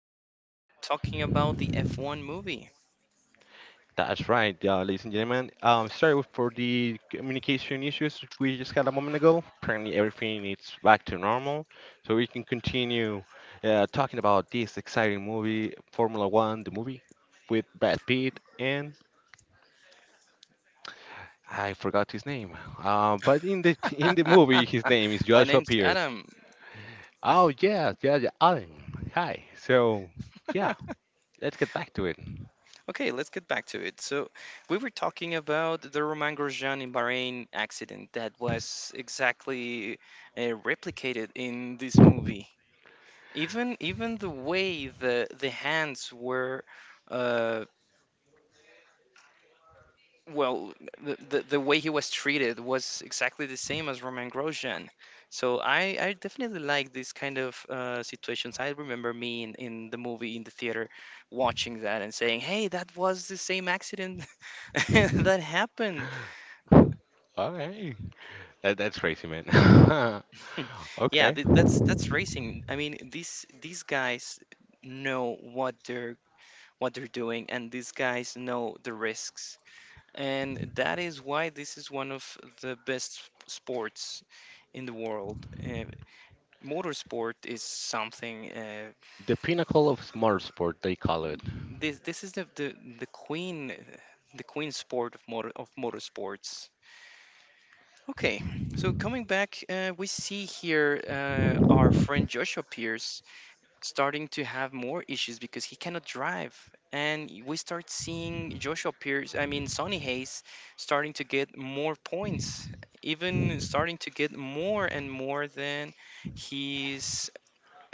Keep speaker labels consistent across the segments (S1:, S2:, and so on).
S1: podcast talking about the F1 movie.
S2: That's right, ladies and gentlemen. Sorry for the communication issues we just had a moment ago. Apparently, everything is back to normal, so we can continue talking about this exciting movie, Formula One, the movie with Brad Pitt and I forgot his name. But in the movie, his name is
S1: My
S2: Joshua
S1: name's
S2: Pierce.
S1: Adam.
S2: Oh yeah, yeah, yeah, Alan. Hi. So yeah, let's get back to it.
S1: Okay, let's get back to it. So, we were talking about the Romain Grosjean in Bahrain accident that was exactly replicated in this movie. Even the way the hands were. uh, Well, the way he was treated was exactly the same as Roman Grosjean. So I definitely like these kind of situations. I remember me in the movie in the theater watching that and saying, "Hey, that was the same accident that happened."
S2: All right. That's crazy, man.
S1: Yeah,
S2: Okay.
S1: that's racing. I mean, these guys know what they're doing, and these guys know the risks. And that is why this is one of the best sports in the world. Uh, Motorsport is something. Uh,
S2: The pinnacle of smart sport, they call it.
S1: this this is the queen, the queen sport of motorsports. Okay, so coming back, we see here our friend Joshua Pierce starting to have more issues because he cannot drive, and we start seeing Joshua Pierce. I mean, Sonny Hayes starting to get more points, even starting to get more and more than his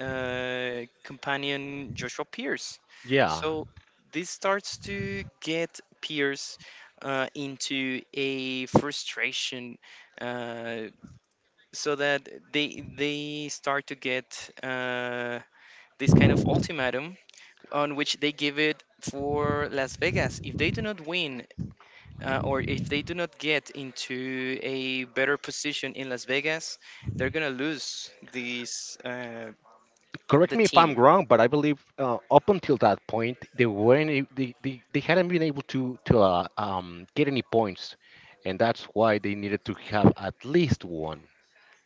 S1: companion Joshua Pierce.
S2: Yeah.
S1: So this starts to get Pierce into a frustration, uh, so that they start to get this kind of ultimatum on which they give it for Las Vegas. If they do not win, or if they do not get into a better position in Las Vegas, they're gonna lose this
S2: Correct
S1: the
S2: me if I'm
S1: team
S2: wrong, but I believe up until that point, they weren't. They, they hadn't been able to get any points, and that's why they needed to have at least one.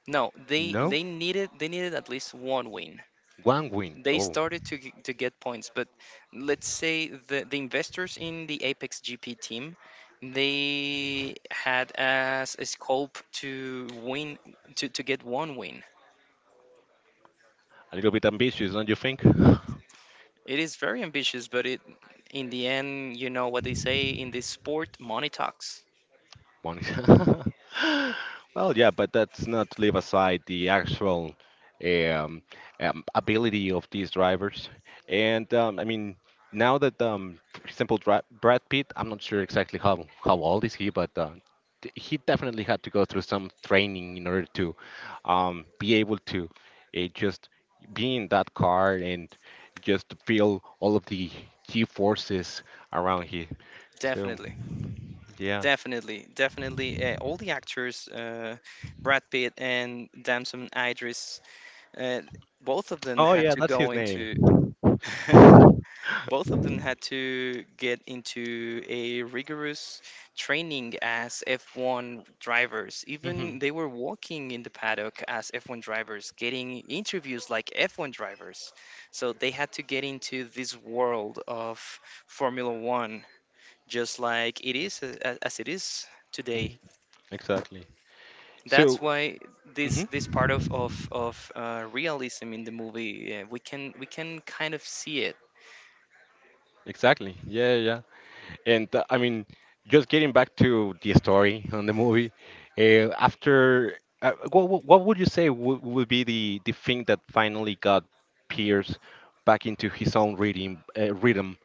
S1: No, they
S2: No,
S1: they needed they needed at least one win.
S2: one win.
S1: They
S2: Oh,
S1: started to get points, but let's say the investors in the Apex GP team, they had as a scope to win to get one win.
S2: a little bit ambitious, don't you think?
S1: It is very ambitious, but it in the end, you know what they say in this sport, money talks.
S2: Money. Well, yeah, but that's not leave aside the actual um, ability of these drivers. And I mean, now that, for example, Brad Pitt, I'm not sure exactly how old is he, but he definitely had to go through some training in order to be able to just be in that car and just feel all of the G forces around him. So,
S1: Definitely.
S2: yeah.
S1: Definitely, definitely. All the actors, Brad Pitt and Damson Idris, and both of them
S2: Oh
S1: had
S2: yeah,
S1: to
S2: that's
S1: go
S2: his name.
S1: into both of them had to get into a rigorous training as F1 drivers. Even
S2: Mhm,
S1: they were walking in the paddock as F1 drivers, getting interviews like F1 drivers. So they had to get into this world of Formula One, just like it is as it is today.
S2: mhm, exactly.
S1: That's
S2: So,
S1: why this
S2: mhm,
S1: this part of realism in the movie we can kind of see it
S2: exactly. Yeah, yeah, yeah. And I mean, just getting back to the story on the movie, after what, what would you say would be the thing that finally got Pierce back into his own reading rhythm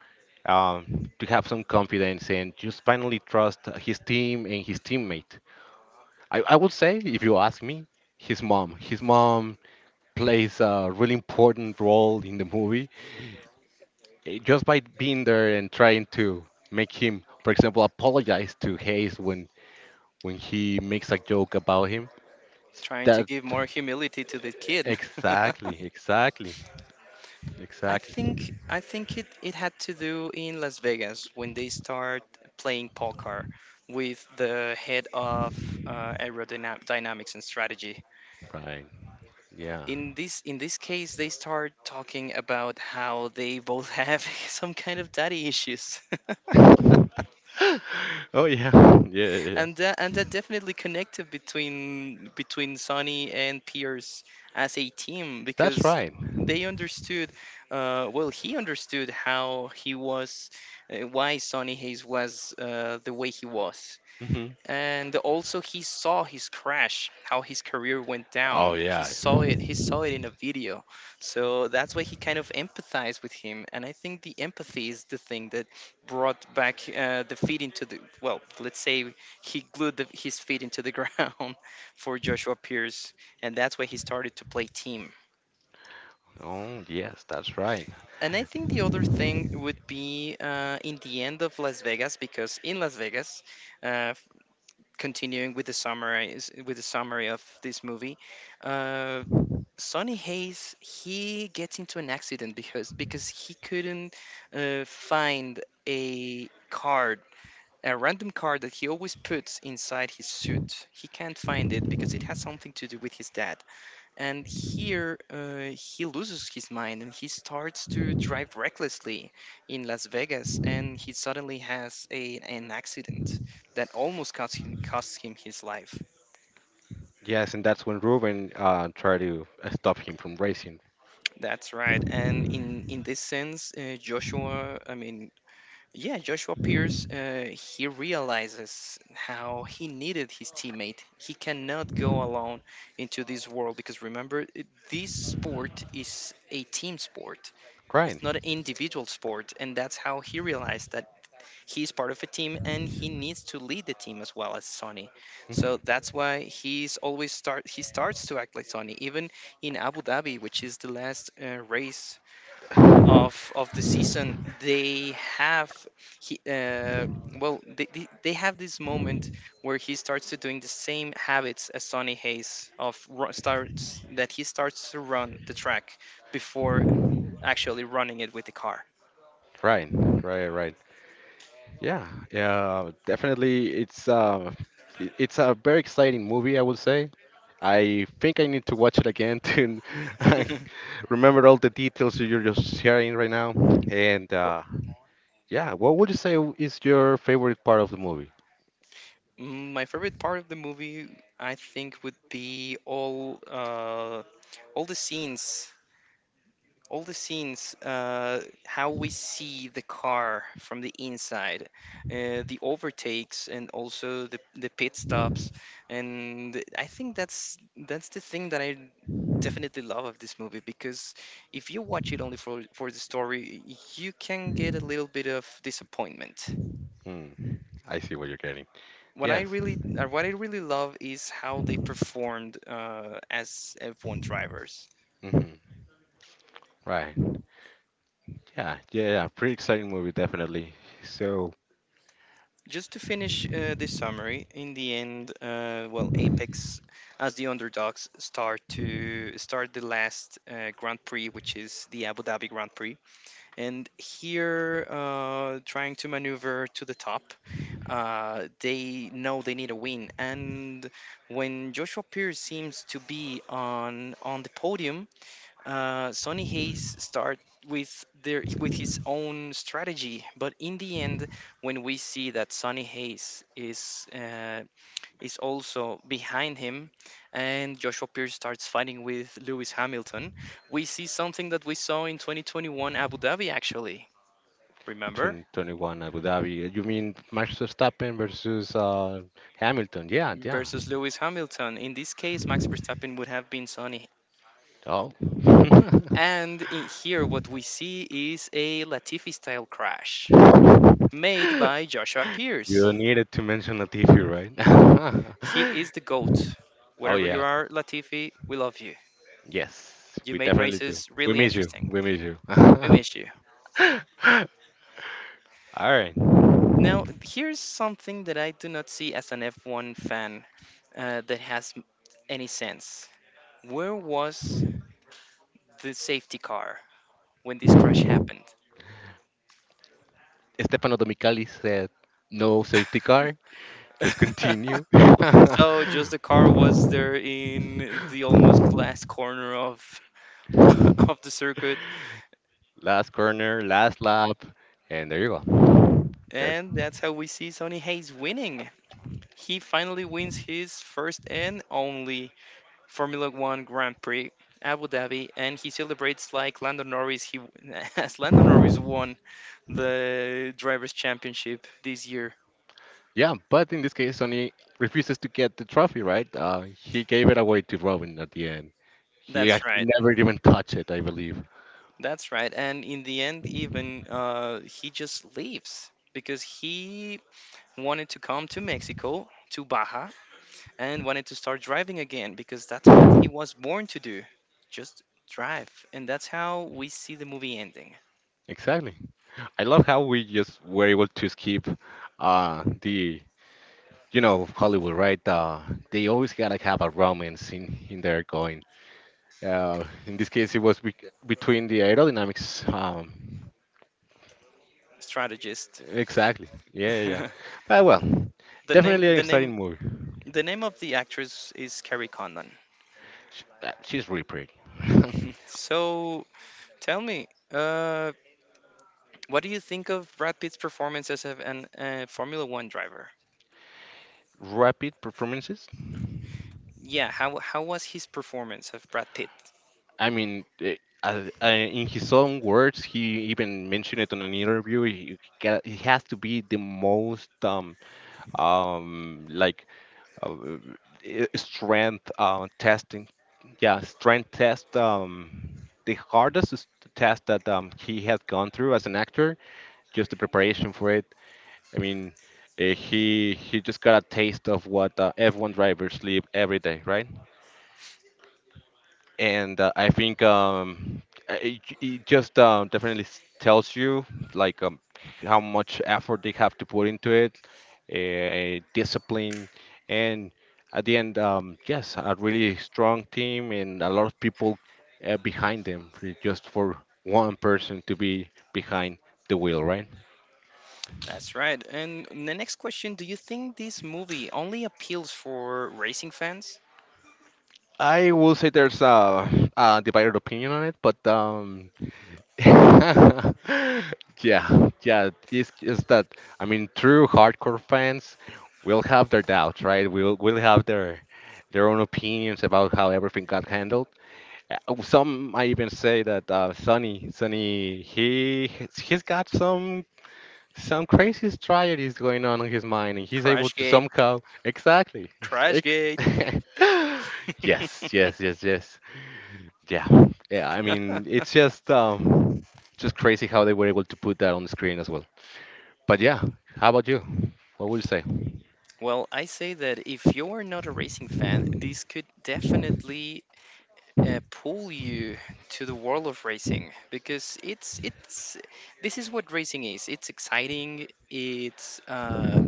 S2: to have some confidence and just finally trust his team and his teammate? I would say, if you ask me, his mom. His mom plays a really important role in the movie just by being there and trying to make him, for example, apologize to Hayes when he makes a joke about him.
S1: trying to
S2: That
S1: give more humility to the kid.
S2: exactly, exactly,
S1: i
S2: exactly.
S1: think I think it it had to do in Las Vegas when they start playing poker with the head of aerodynamics and strategy.
S2: Right. Yeah.
S1: In this case they start talking about how they both have some kind of daddy issues.
S2: Oh yeah. Yeah, yeah, yeah.
S1: And that definitely connected between Sonny and Pierce as a team
S2: That's
S1: because
S2: right.
S1: they understood well, he understood how he was, why Sonny Hayes was the way he was.
S2: Hmm.
S1: And also he saw his crash, how his career went down.
S2: Oh
S1: He
S2: yeah.
S1: saw it, he saw it in a video. So that's why he kind of empathized with him, and I think the empathy is the thing that brought back the feet into the, well, let's say he glued the, his feet into the ground for Joshua Pierce, and that's why he started to play team.
S2: Oh yes, that's right.
S1: And I think the other thing would be, in the end of Las Vegas, because in Las Vegas, uh, continuing with with the summary of this movie, uh, Sonny Hayes, he gets into an accident because he couldn't find a card, a random card that he always puts inside his suit. He can't find it because it has something to do with his dad. And here he loses his mind and he starts to drive recklessly in Las Vegas, and he suddenly has an accident that almost costs him his life.
S2: Yes, and that's when Ruben tried to stop him from racing.
S1: That's right. And in this sense, Joshua, I mean, yeah, Joshua Pierce, he realizes how he needed his teammate. He cannot go alone into this world because remember, this sport is a team sport.
S2: Right.
S1: It's not an individual sport, and that's how he realized that he's part of a team and he needs to lead the team as well as Sonny. So
S2: Hmm.
S1: that's why he starts to act like Sonny. Even in Abu Dhabi, which is the last race
S2: Right,
S1: of the season, they have he well they have this moment where he starts to doing the same habits as Sonny Hayes of ru- starts that he starts to run the track before actually running it with the car.
S2: right, right. Yeah, yeah, definitely. It's it's a very exciting movie, I would say. I think I need to watch it again to remember all the details that you're just sharing right now. And
S1: Well,
S2: yeah, what would you say is your favorite part of the movie?
S1: my favorite part of the movie, I think, would be all the scenes, all the scenes, how we see the car from the inside, the overtakes, and also the pit stops. And I think that's the thing that I definitely love of this movie, because if you watch it only for the story, you can get a little bit of disappointment.
S2: Hmm, I see what you're getting. Yes.
S1: What I really love is how they performed as F1 drivers.
S2: Hmm. Right. Yeah, yeah, yeah. Pretty exciting movie, definitely. So.
S1: Just to finish this summary, in the end, well, Apex, as the underdogs, start the last Grand Prix, which is the Abu Dhabi Grand Prix, and here, trying to maneuver to the top, they know they need a win, and when Joshua Pierce seems to be on the podium, Sonny Hayes start with his own strategy, but in the end, when we see that Sonny Hayes is also behind him, and Joshua Pierce starts fighting with Lewis Hamilton, we see something that we saw in 2021 Abu Dhabi actually. Remember?
S2: 2021 Abu Dhabi. You mean Max Verstappen versus Hamilton? Yeah, yeah.
S1: Versus Lewis Hamilton. In this case, Max Verstappen would have been Sonny.
S2: Oh.
S1: And in here, what we see is a Latifi style crash made by Joshua Pierce.
S2: You needed to mention Latifi,
S1: He
S2: right?
S1: is the GOAT.
S2: Oh
S1: Whatever
S2: yeah,
S1: you are, Latifi, we love you.
S2: yes,
S1: You
S2: we
S1: made
S2: definitely do.
S1: races
S2: We
S1: really
S2: miss you.
S1: interesting.
S2: We miss you.
S1: We missed you.
S2: All right.
S1: Now, here's something that I do not see as an F1 fan, that has any sense. Where was the safety car when this crash happened?
S2: Stefano Domenicali said, "No safety car. Just continue."
S1: So, just the car was there in the almost last corner of of the circuit,
S2: Last corner, last lap, and there you go. There.
S1: and that's how we see Sonny Hayes winning. He finally wins his first and only Formula One Grand Prix, Abu Dhabi, and he celebrates like Lando Norris. He as Lando Norris won the drivers' championship this year.
S2: Yeah, but in this case, Sonny refuses to get the trophy, right? He gave it away to Robin at the end. He
S1: That's
S2: actually
S1: right.
S2: never even touched it, I believe.
S1: That's right. And in the end, even he just leaves because he wanted to come to Mexico, to Baja, and wanted to start driving again because that's what he was born to do, just drive. And that's how we see the movie ending.
S2: Exactly. I love how we just were able to skip uh, the, Hollywood, right? They always gotta have a romance in there going. In this case, it was between the aerodynamics.
S1: Strategist.
S2: Exactly. Yeah, yeah, yeah. But well,
S1: the name
S2: definitely an
S1: the
S2: exciting
S1: name
S2: movie.
S1: The name of the actress is Kerry Conlon.
S2: Sh She's really pretty.
S1: So tell me, uh, what do you think of Brad Pitt's performance as an Formula One driver?
S2: Rapid performances.
S1: Yeah, how was his performance of Brad Pitt?
S2: I mean, in his own words, he even mentioned it on an interview. He, he has to be the most like strength testing. Yeah, strength test. The hardest is the test that he has gone through as an actor, just the preparation for it. I mean, he just got a taste of what F1 drivers live every day, right? And I think it, it just definitely tells you like how much effort they have to put into it, discipline, and at the end, yes, a really strong team and a lot of people behind them, just for one person to be behind the wheel, right?
S1: That's right. And the next question, do you think this movie only appeals for racing fans?
S2: I will say there's a divided opinion on it, but yeah, yeah, it's that. I mean, true hardcore fans will have their doubts, right? Will have their own opinions about how everything got handled. Some might even say that Sonny, he's got some crazy strategies going on in his mind, and he's able to
S1: Crashgate,
S2: somehow exactly. Ex-
S1: Crashgate.
S2: yes, yes, yes, yes. Yeah, yeah. I mean, it's just crazy how they were able to put that on the screen as well. But yeah, how about you? What would you say?
S1: Well, I say that if you're not a racing fan, this could definitely pull you to the world of racing, because it's this is what racing is. It's exciting. It's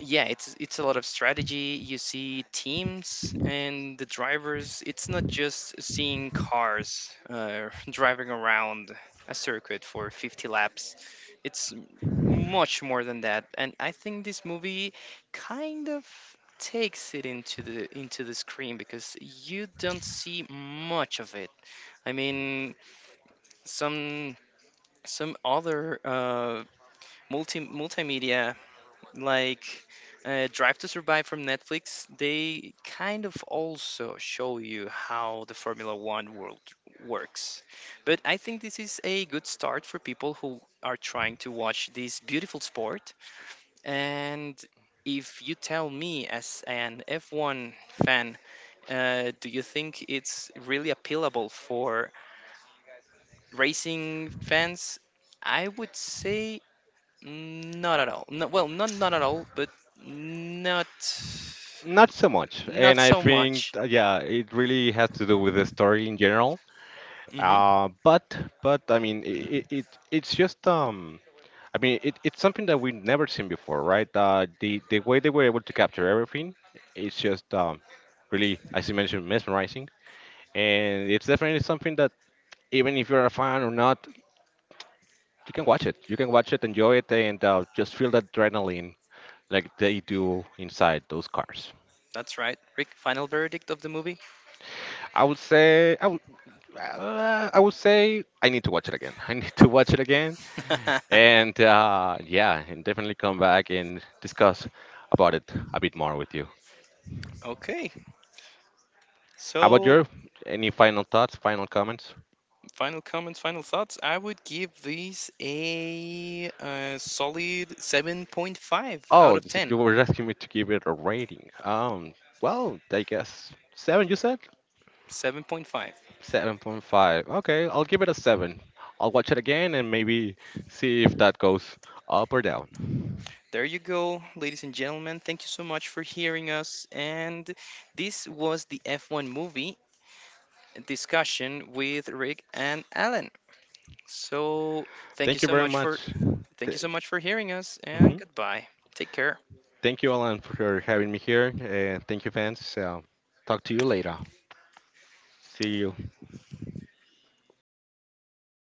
S1: yeah, it's a lot of strategy. You see teams and the drivers. It's not just seeing cars driving around a circuit for 50 laps. it's m- Much more than that, and I think this movie kind of takes it into the screen, because you don't see much of it. I mean, some some other multimedia like Drive to Survive from Netflix, they kind of also show you how the Formula One world works. But I think this is a good start for people who are trying to watch this beautiful sport. And if you tell me, as an F1 fan, do you think it's really appealable for racing fans? I would say not at all. No, well, not not at all, but not
S2: Not so much,
S1: not
S2: and I
S1: so
S2: think
S1: much.
S2: yeah, it really has to do with the story in general.
S1: Hmm.
S2: Uh, but but I mean, it it's just. I mean, it, it's something that we've never seen before, right? The way they were able to capture everything, it's just really, as you mentioned, mesmerizing, and it's definitely something that even if you're a fan or not, you can watch it. You can watch it, enjoy it, and just feel the adrenaline like they do inside those cars.
S1: That's right. Rick, final verdict of the movie.
S2: I would say I would I would say I need to watch it again. I need to watch it again, and yeah, and definitely come back and discuss about it a bit more with you.
S1: Okay.
S2: How about
S1: So,
S2: your any final thoughts, final comments?
S1: final comments, final thoughts. I would give this a, solid 7.5 out
S2: Oh,
S1: of
S2: so
S1: 10.
S2: you were asking me to give it a rating. Well, I guess seven. You said
S1: 7.5.
S2: 7.5. Okay, I'll give it a 7. I'll watch it again and maybe see if that goes up or down.
S1: There you go, ladies and gentlemen. Thank you so much for hearing us. And this was the F1 movie discussion with Rick and Alan. So thank you
S2: Thank you
S1: so
S2: very
S1: much for
S2: much.
S1: thank you
S2: Th-
S1: so much for hearing us, and
S2: mhm.
S1: goodbye. Take care.
S2: Thank you, Alan, for having me here. Thank you, fans. Talk to you later. See you.